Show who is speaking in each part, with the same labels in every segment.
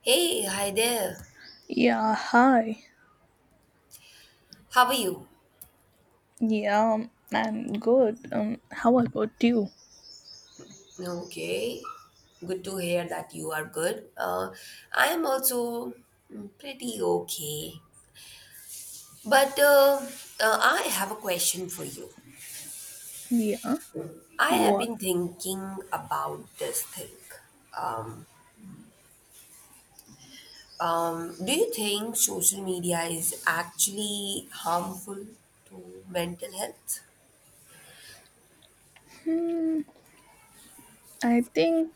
Speaker 1: Hey, hi there.
Speaker 2: Yeah, hi.
Speaker 1: How are you?
Speaker 2: Yeah, I'm good. How about you?
Speaker 1: Okay, good to hear that you are good. I am also pretty okay. But I have a question for you.
Speaker 2: Yeah,
Speaker 1: I have
Speaker 2: What?
Speaker 1: been thinking about this thing. Um, do you think social media is actually harmful to mental health?
Speaker 2: Hmm, I think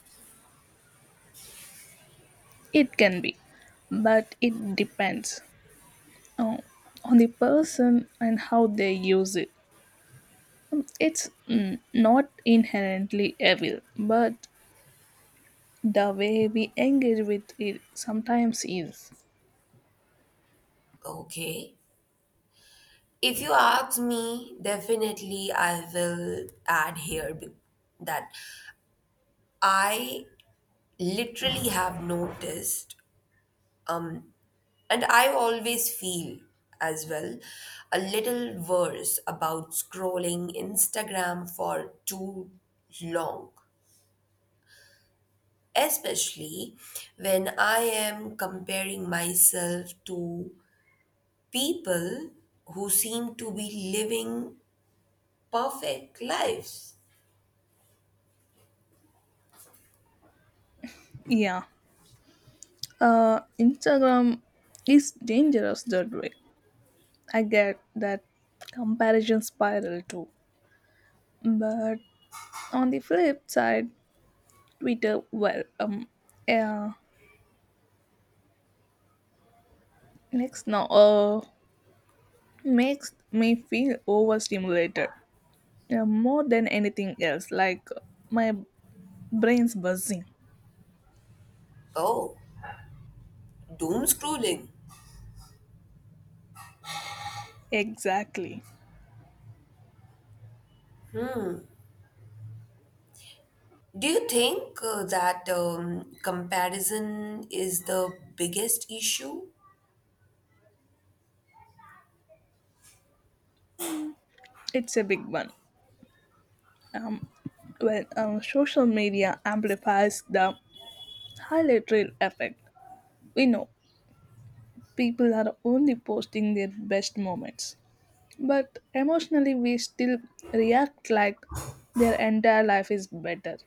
Speaker 2: it can be, but it depends uh, on the person and how they use it. It's not inherently evil, but the way we engage with it sometimes is.
Speaker 1: Okay. If you ask me, definitely I will add here that I literally have noticed, um, and I always feel as well a little worse about scrolling Instagram for too long, especially when I am comparing myself to people who seem to be living perfect lives.
Speaker 2: Yeah, Instagram is dangerous that way. I get that comparison spiral too. But on the flip side, Twitter, uh, next now, uh, makes me feel overstimulated more than anything else. My brain's buzzing.
Speaker 1: Oh, doom scrolling.
Speaker 2: Exactly,
Speaker 1: Do you think that comparison is the biggest issue?
Speaker 2: it's a big one. Um, when social media amplifies the highlight reel effect, we know people are only posting their best moments, but emotionally we still react like their entire life is better.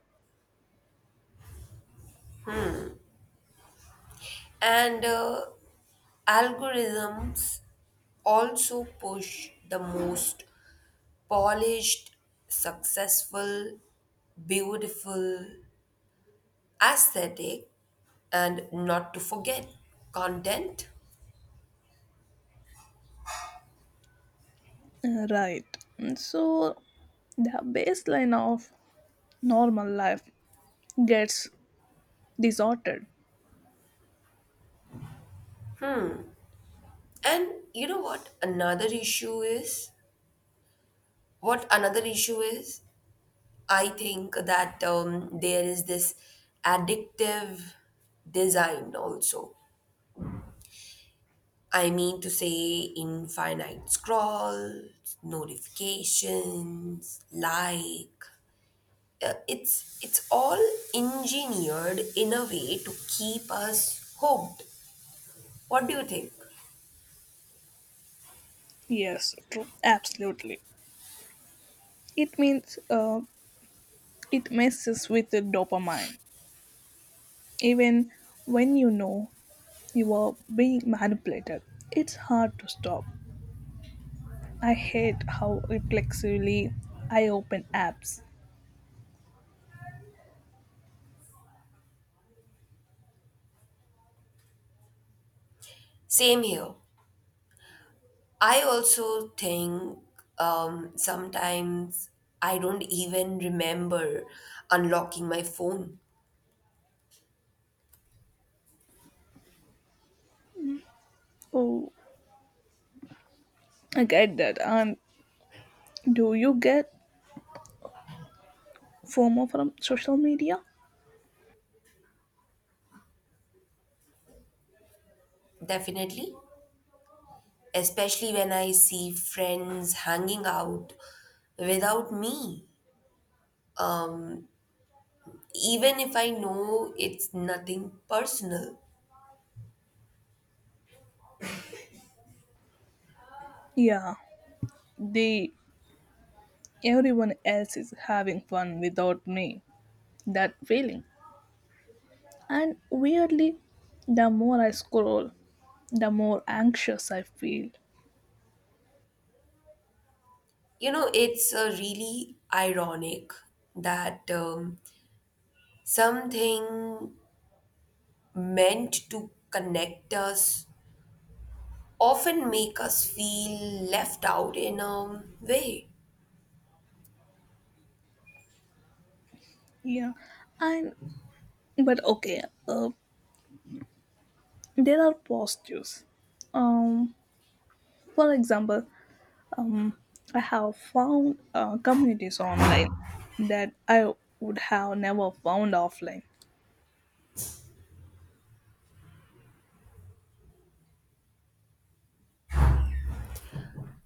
Speaker 1: And algorithms also push the most polished, successful, beautiful, aesthetic, and not to forget content.
Speaker 2: Right. So the baseline of normal life gets distorted.
Speaker 1: And you know what? Another issue is I think that there is this addictive design also. I mean to say, infinite scrolls, notifications, it's all engineered in a way to keep us hooked. What do you think?
Speaker 2: Yes, true, absolutely. It means it messes with the dopamine even when you know you are being manipulated, it's hard to stop. I hate how reflexively I open apps.
Speaker 1: Same here. I also think sometimes I don't even remember unlocking my phone.
Speaker 2: Oh, I get that. And do you get FOMO from social media?
Speaker 1: Definitely, especially when I see friends hanging out without me, even if I know it's nothing personal.
Speaker 2: Yeah, the everyone else is having fun without me. That feeling. And weirdly, the more I scroll, the more anxious I feel.
Speaker 1: You know, it's really ironic that something meant to connect us often make us feel left out in a way.
Speaker 2: Yeah, and but okay, there are positives. Um, for example, um, I have found communities online that I would have never found offline.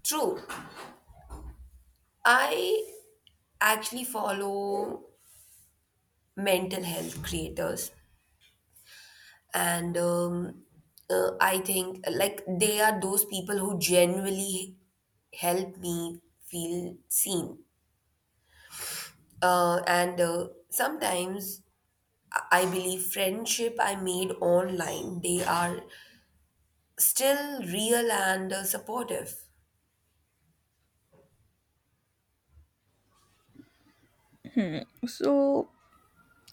Speaker 1: True, I actually follow mental health creators and I think like they are those people who genuinely help me feel seen and sometimes I believe friendship I made online they are still real and supportive.
Speaker 2: So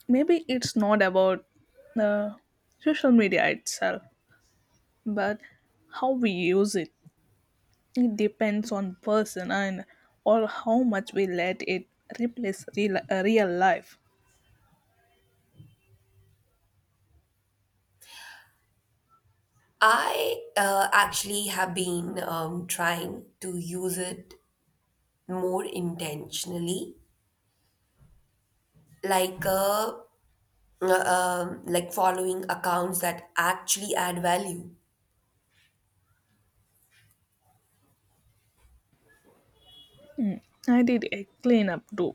Speaker 2: maybe it's not about uh, social media itself, but how we use it. It depends on person and or how much we let it replace real life.
Speaker 1: I actually have been trying to use it more intentionally like like following accounts that actually add value.
Speaker 2: I did a cleanup too.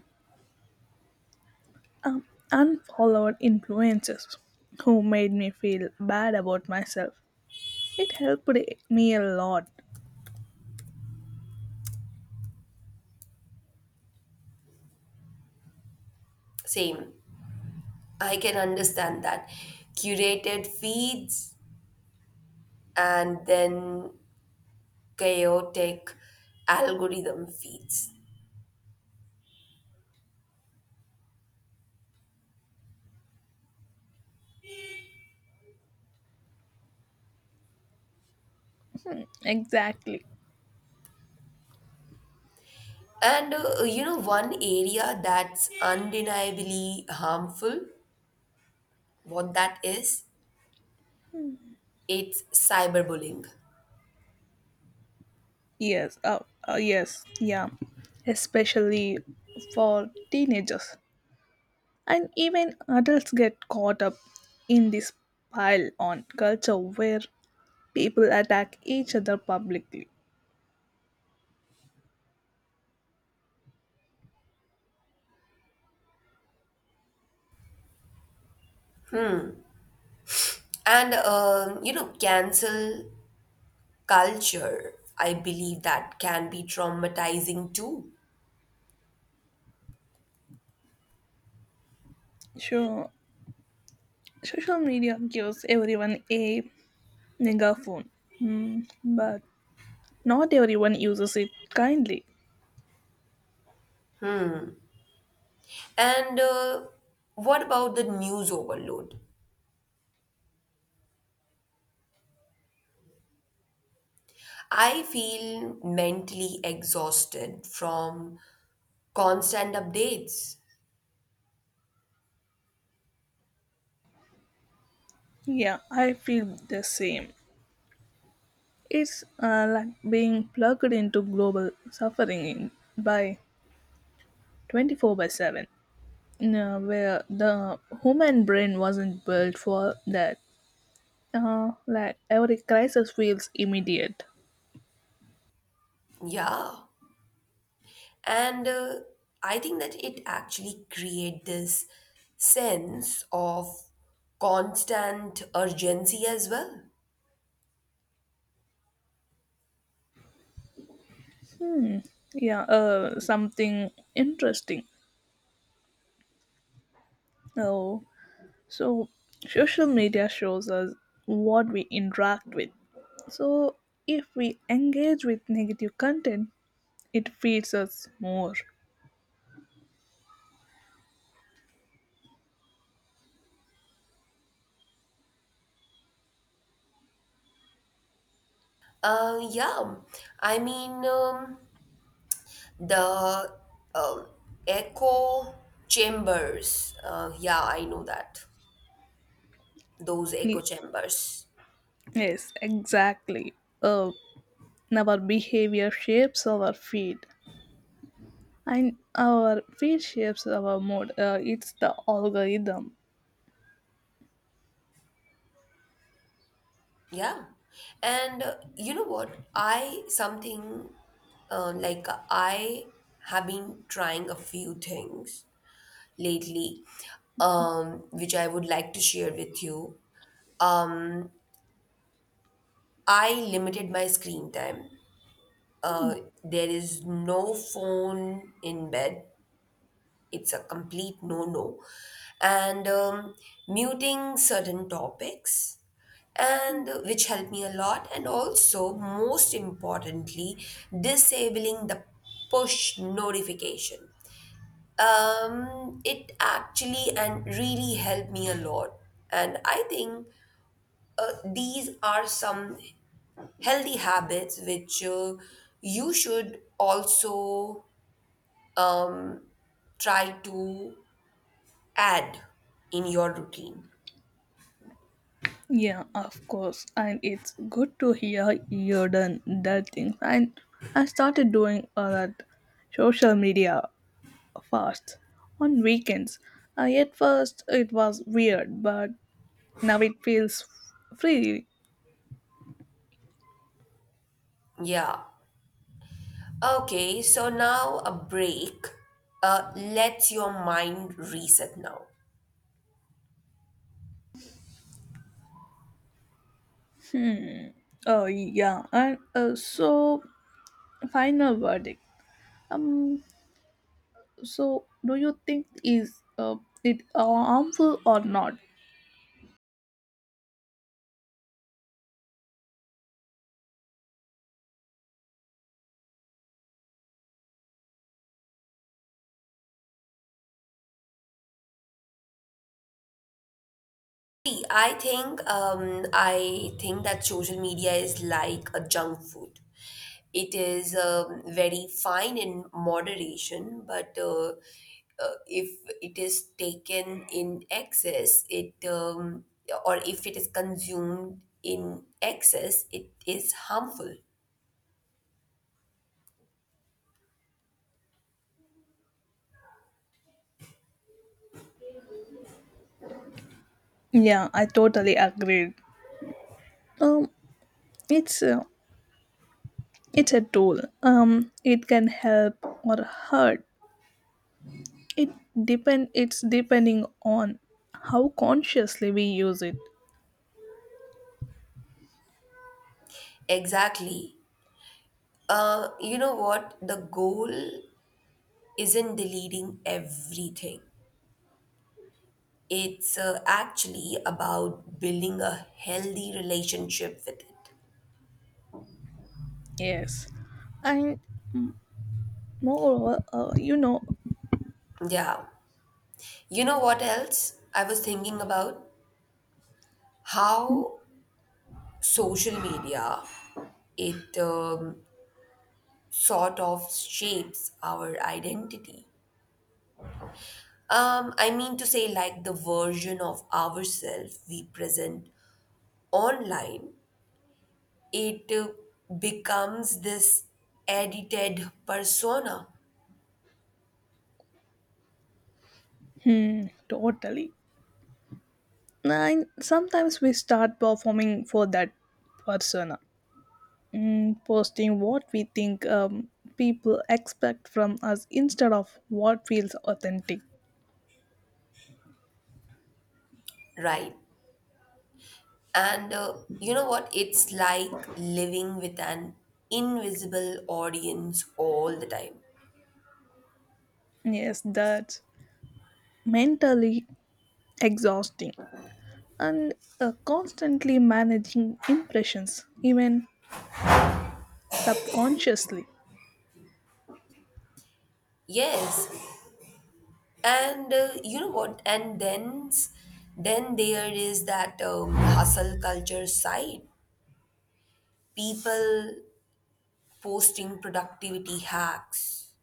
Speaker 2: Um, Unfollowed influencers who made me feel bad about myself. It helped me a lot.
Speaker 1: Same. I can understand that. Curated feeds and then chaotic algorithm feeds.
Speaker 2: Exactly.
Speaker 1: And you know, one area that's undeniably harmful, what that is, it's cyberbullying.
Speaker 2: Yes uh, uh, yes yeah especially for teenagers. And even adults get caught up in this pile on culture where people attack each other publicly.
Speaker 1: And you know, cancel culture, I believe that can be traumatizing too.
Speaker 2: So, social media gives everyone a megaphone, mm, but not everyone uses it kindly.
Speaker 1: And what about the news overload? I feel mentally exhausted from constant updates.
Speaker 2: Yeah, I feel the same. It's like being plugged into global suffering by 24 by 7, you know, where the human brain wasn't built for that. Like every crisis feels immediate.
Speaker 1: Yeah. And I think that it actually create this sense of constant urgency as well.
Speaker 2: Hmm. Yeah, something interesting. Oh, so social media shows us what we interact with. So if we engage with negative content, it feeds us more.
Speaker 1: Yeah. I mean, the um echo chambers. Yeah, I know that. Those echo
Speaker 2: Ye-
Speaker 1: chambers.
Speaker 2: Yes, exactly. Uh, our behavior shapes our feed, and our feed shapes our mood. It's the algorithm.
Speaker 1: Yeah. And you know what? I something like I have been trying a few things lately, which I would like to share with you. Um, I limited my screen time. Uh, there is no phone in bed. It's a complete no-no. And Muting certain topics and which helped me a lot, and also most importantly disabling the push notification, it actually and really helped me a lot. And I think these are some healthy habits which you should also um try to add in your routine.
Speaker 2: Yeah, of course. And it's good to hear you're done that thing. And I started doing all that social media fast on weekends. At first, it was weird, but now it feels free.
Speaker 1: Yeah. Okay, so now a break lets your mind reset now.
Speaker 2: Yeah, and so final verdict. Um, so, do you think is it harmful or not?
Speaker 1: See, I think that social media is like a junk food. It is very fine in moderation, but if it is taken in excess, it or if it is consumed in excess, it is harmful.
Speaker 2: Yeah, I totally agree. Um, it's uh, it's a tool, um, it can help or hurt. It depend it's depending on how consciously we use it.
Speaker 1: Exactly. You know what? The goal isn't deleting everything. It's actually about building a healthy relationship with it.
Speaker 2: Yes, and moreover, you know.
Speaker 1: Yeah. You know what else I was thinking about? How social media it sort of shapes our identity. I mean to say, like the version of ourselves we present online, it becomes this edited persona,
Speaker 2: hmm, Totally. And sometimes we start performing for that persona, posting what we think people expect from us instead of what feels authentic.
Speaker 1: right? And you know what? It's like living with an invisible audience all the time.
Speaker 2: Yes, that's mentally exhausting. And constantly managing impressions, even subconsciously.
Speaker 1: Yes. And you know what? Then there is that hustle culture side. People posting productivity hacks,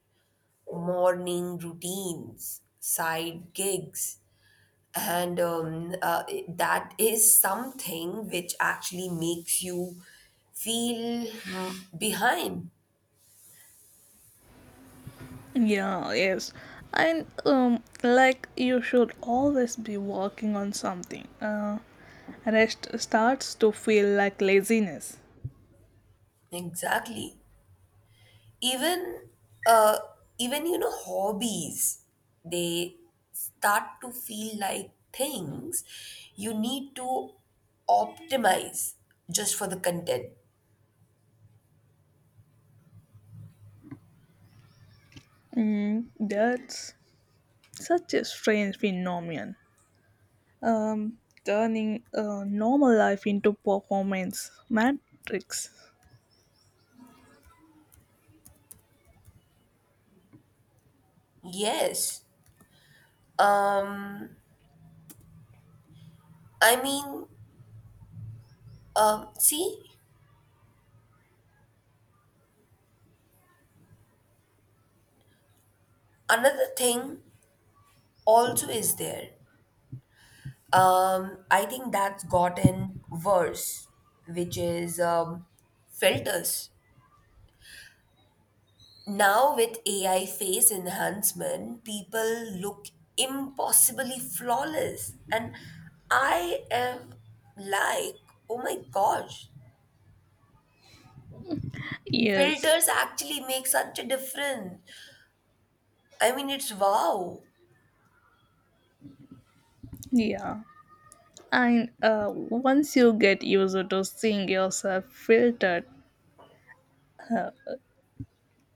Speaker 1: morning routines, side gigs, and that is something which actually makes you feel behind.
Speaker 2: Yeah, yes. And like you should always be working on something. Rest starts to feel like laziness.
Speaker 1: Exactly, even uh, even you know hobbies, they start to feel like things you need to optimize just for the content.
Speaker 2: That's such a strange phenomenon. Um, turning normal life into performance matrix.
Speaker 1: yes um i mean See, another thing also is there. I think that's gotten worse, which is filters. Now, with AI face enhancement, people look impossibly flawless. And I am like, oh my gosh,
Speaker 2: Yes.
Speaker 1: filters actually make such a difference. I mean, it's wow.
Speaker 2: Yeah. And once you get used to seeing yourself filtered,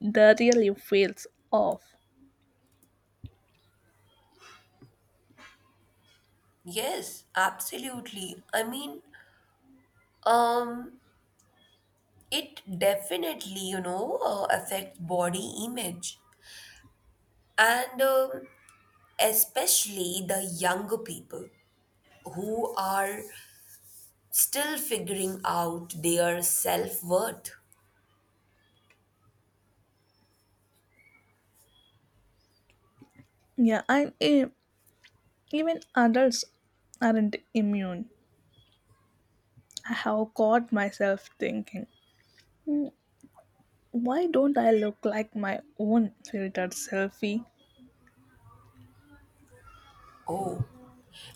Speaker 2: the really feels off.
Speaker 1: Yes, absolutely. I mean, um, it definitely, you know, affects body image and especially the younger people who are still figuring out their self worth.
Speaker 2: Yeah, and even adults aren't immune. I have caught myself thinking, why don't I look like my own filtered selfie?
Speaker 1: Oh,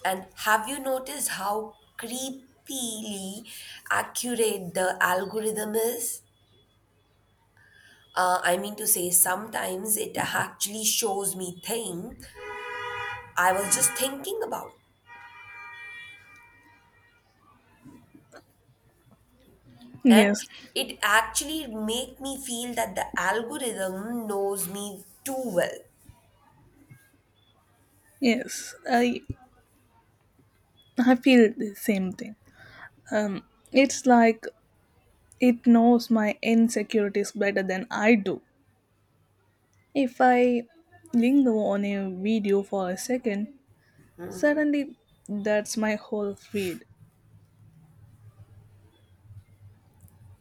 Speaker 1: and have you noticed how creepily accurate the algorithm is? I mean to say, sometimes it actually shows me thing I was just thinking about, and
Speaker 2: Yes,
Speaker 1: it actually make me feel that the algorithm knows me too well,
Speaker 2: yes, I feel the same thing. Um, it's like it knows my insecurities better than I do. If I linger on a video for a second, suddenly, that's my whole feed.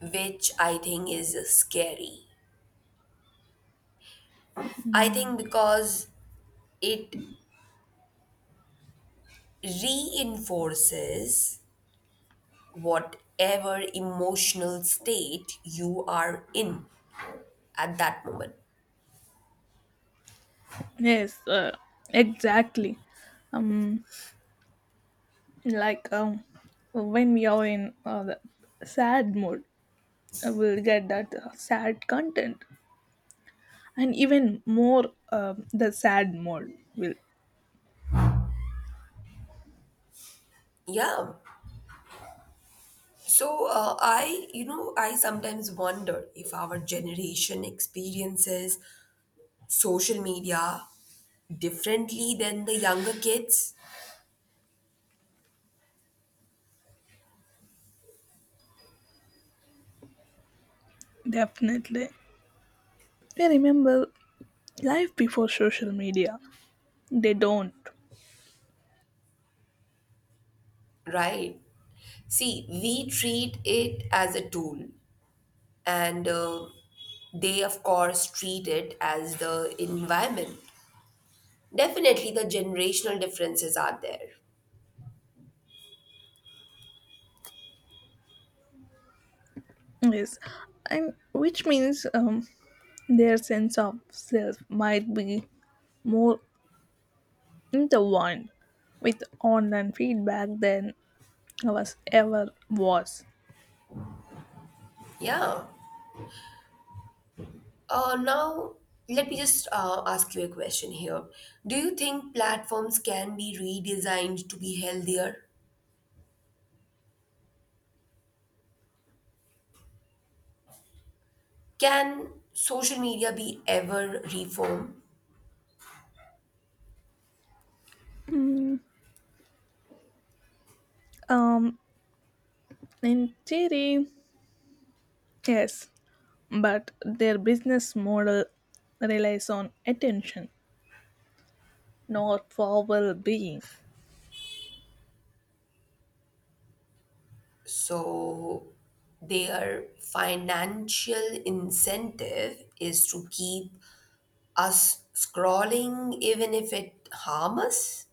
Speaker 1: which I think is scary. I think because it reinforces whatever emotional state you are in at that moment.
Speaker 2: Yes, exactly. Like when we are in the sad mood, we'll get that sad content, and even more the sad mode will.
Speaker 1: Yeah. So I, you know, I sometimes wonder if our generation experiences social media differently than the younger kids,
Speaker 2: Definitely. We remember life before social media. They don't.
Speaker 1: right? See, we treat it as a tool, and they of course treat it as the environment. Definitely the generational differences are there.
Speaker 2: Yes, and which means their sense of self might be more intertwined with online feedback than ours ever was.
Speaker 1: Yeah. Now let me just ask you a question here. Do you think platforms can be redesigned to be healthier? Can social media be ever reformed?
Speaker 2: Um, in theory, yes, but their business model relies on attention, not for well being.
Speaker 1: So their financial incentive is to keep us scrolling even if it harm us.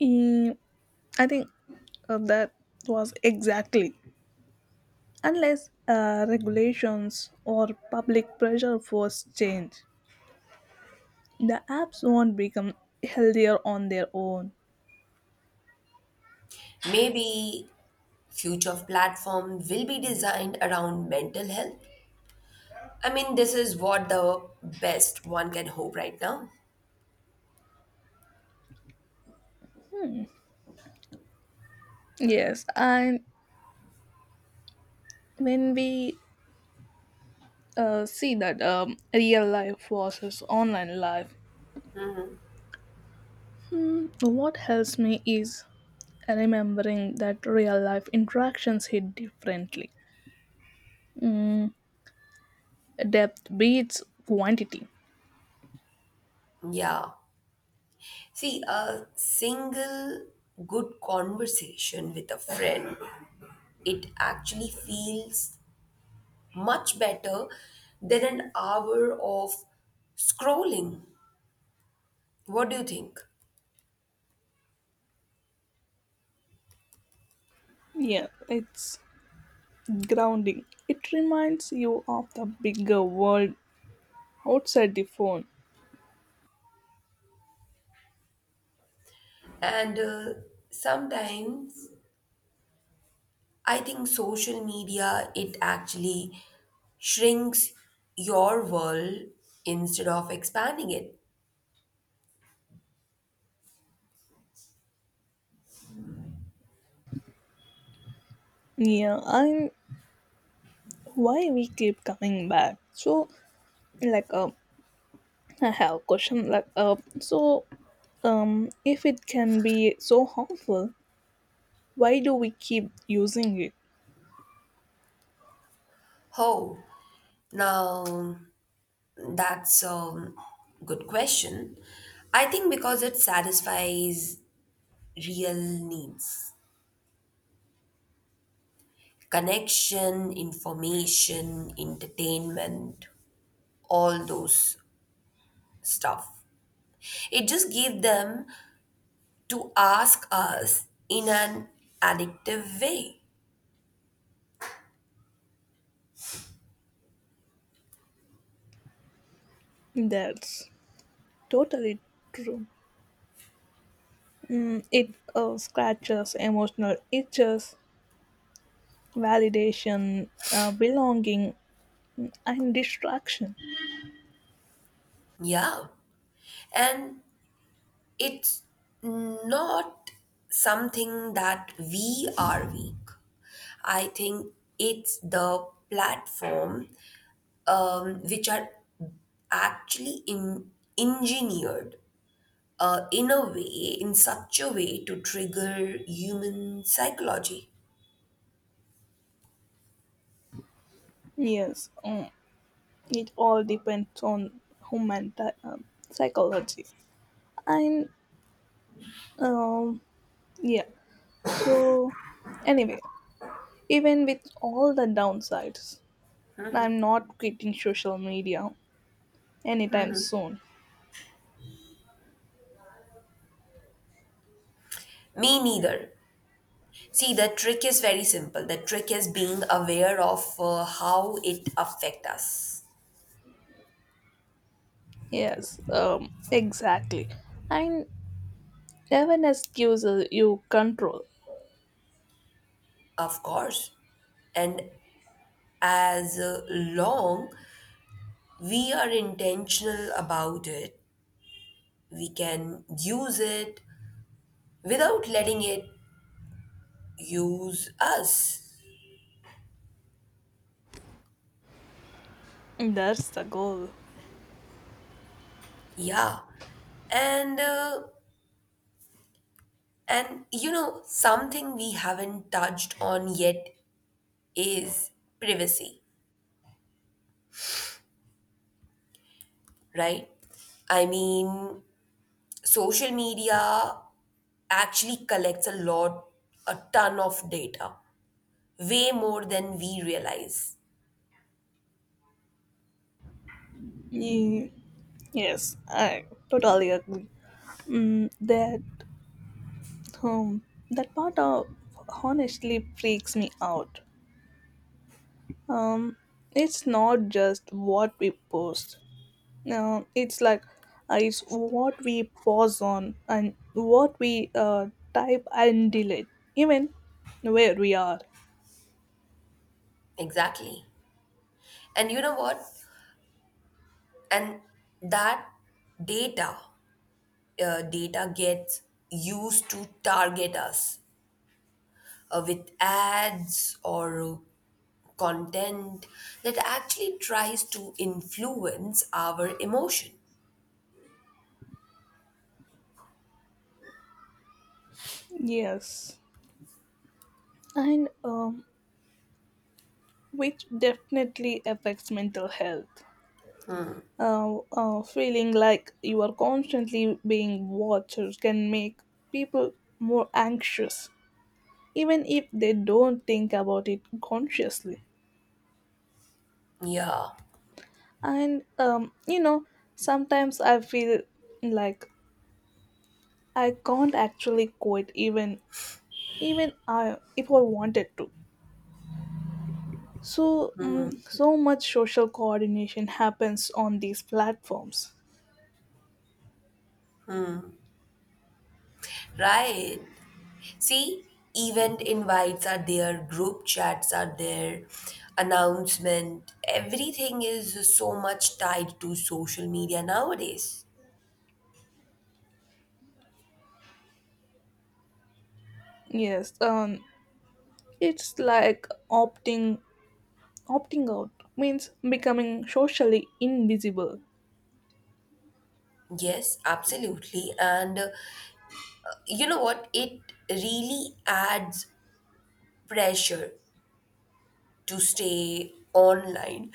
Speaker 2: Mm, I think that was exactly, unless regulations or public pressure force change, the apps won't become healthier on their own.
Speaker 1: Maybe future platform will be designed around mental health. I mean, this is what the best one can hope right now.
Speaker 2: Yes, and when we see that real life versus online life. What helps me is remembering that real life interactions hit differently. Mm, Depth beats quantity.
Speaker 1: Yeah. See, a single good conversation with a friend, it actually feels much better than an hour of scrolling. What do you think?
Speaker 2: Yeah, it's grounding. It reminds you of the bigger world outside the phone.
Speaker 1: And sometimes I think social media, it actually shrinks your world instead of expanding it.
Speaker 2: Yeah, and why we keep coming back. So, like, uh, I have a question. If it can be so harmful, why do we keep using it?
Speaker 1: Oh, now that's a good question. I think because it satisfies real needs: connection, information, entertainment, all those stuff. It just gave them to ask us in an addictive way.
Speaker 2: That's totally true. It scratches emotional itches, validation, belonging, and distraction.
Speaker 1: Yeah. And it's not something that we are weak. I think it's the platform which are actually engineered uh, in a way, in such a way to trigger human psychology.
Speaker 2: Yes, it all depends on human psychology. And um, yeah, so anyway, even with all the downsides, I'm not quitting social media anytime soon.
Speaker 1: Me neither. See, the trick is very simple. The trick is being aware of how it affect us.
Speaker 2: Yes, exactly. And awareness gives you control.
Speaker 1: Of course. And as long we are intentional about it, we can use it without letting it use us.
Speaker 2: That's the goal.
Speaker 1: Yeah. And and you know something we haven't touched on yet is privacy, right? I mean, social media actually collects a lot, a ton of data, way more than we realize.
Speaker 2: Ye- Yes, I totally agree. Mm, that um, that part of honestly freaks me out. Um, it's not just what we post. No, it's like it's what we pause on and what we type and delete, even where we are.
Speaker 1: Exactly. And you know what? And that data data gets used to target us with ads or content that actually tries to influence our emotion.
Speaker 2: Yes. And which definitely affects mental health. Feeling like you are constantly being watched can make people more anxious, even if they don't think about it consciously.
Speaker 1: Yeah,
Speaker 2: And you know, sometimes I feel like I can't actually quit, even I if I wanted to. So much social coordination happens on these platforms.
Speaker 1: right. See, event invites are there, group chats are there, announcement, everything is so much tied to social media nowadays.
Speaker 2: Yes, it's like opting out means becoming socially invisible.
Speaker 1: Yes, absolutely. And you know what? It really adds pressure to stay online,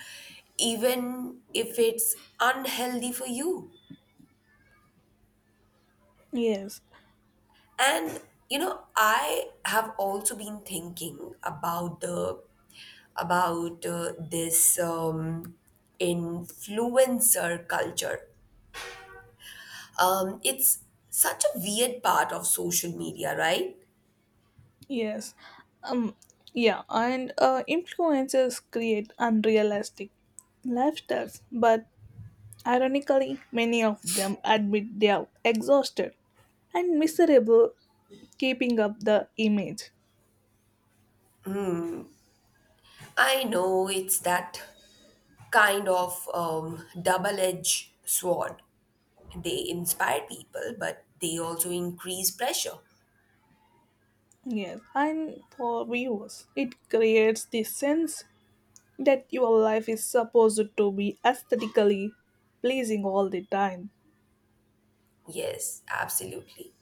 Speaker 1: even if it's unhealthy for you.
Speaker 2: Yes,
Speaker 1: And, you know, I have also been thinking about the about this influencer culture. It's such a weird part of social media, right?
Speaker 2: yes, um, yeah, and influencers create unrealistic lifestyles, but ironically, many of them admit they are exhausted and miserable keeping up the image.
Speaker 1: I know, it's that kind of double edged sword. They inspire people, but they also increase pressure.
Speaker 2: Yes, and for viewers, it creates this sense that your life is supposed to be aesthetically pleasing all the time.
Speaker 1: Yes, absolutely.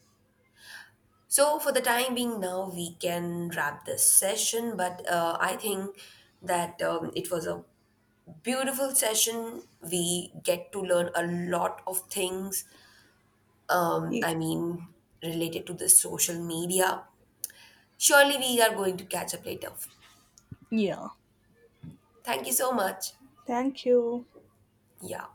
Speaker 1: So, for the time being now, we can wrap this session, but I think that it was a beautiful session. We get to learn a lot of things,
Speaker 2: Ye-
Speaker 1: I mean, related to the social media. Surely, we are going to catch up later.
Speaker 2: Yeah.
Speaker 1: Thank you so much.
Speaker 2: Thank you.
Speaker 1: Yeah.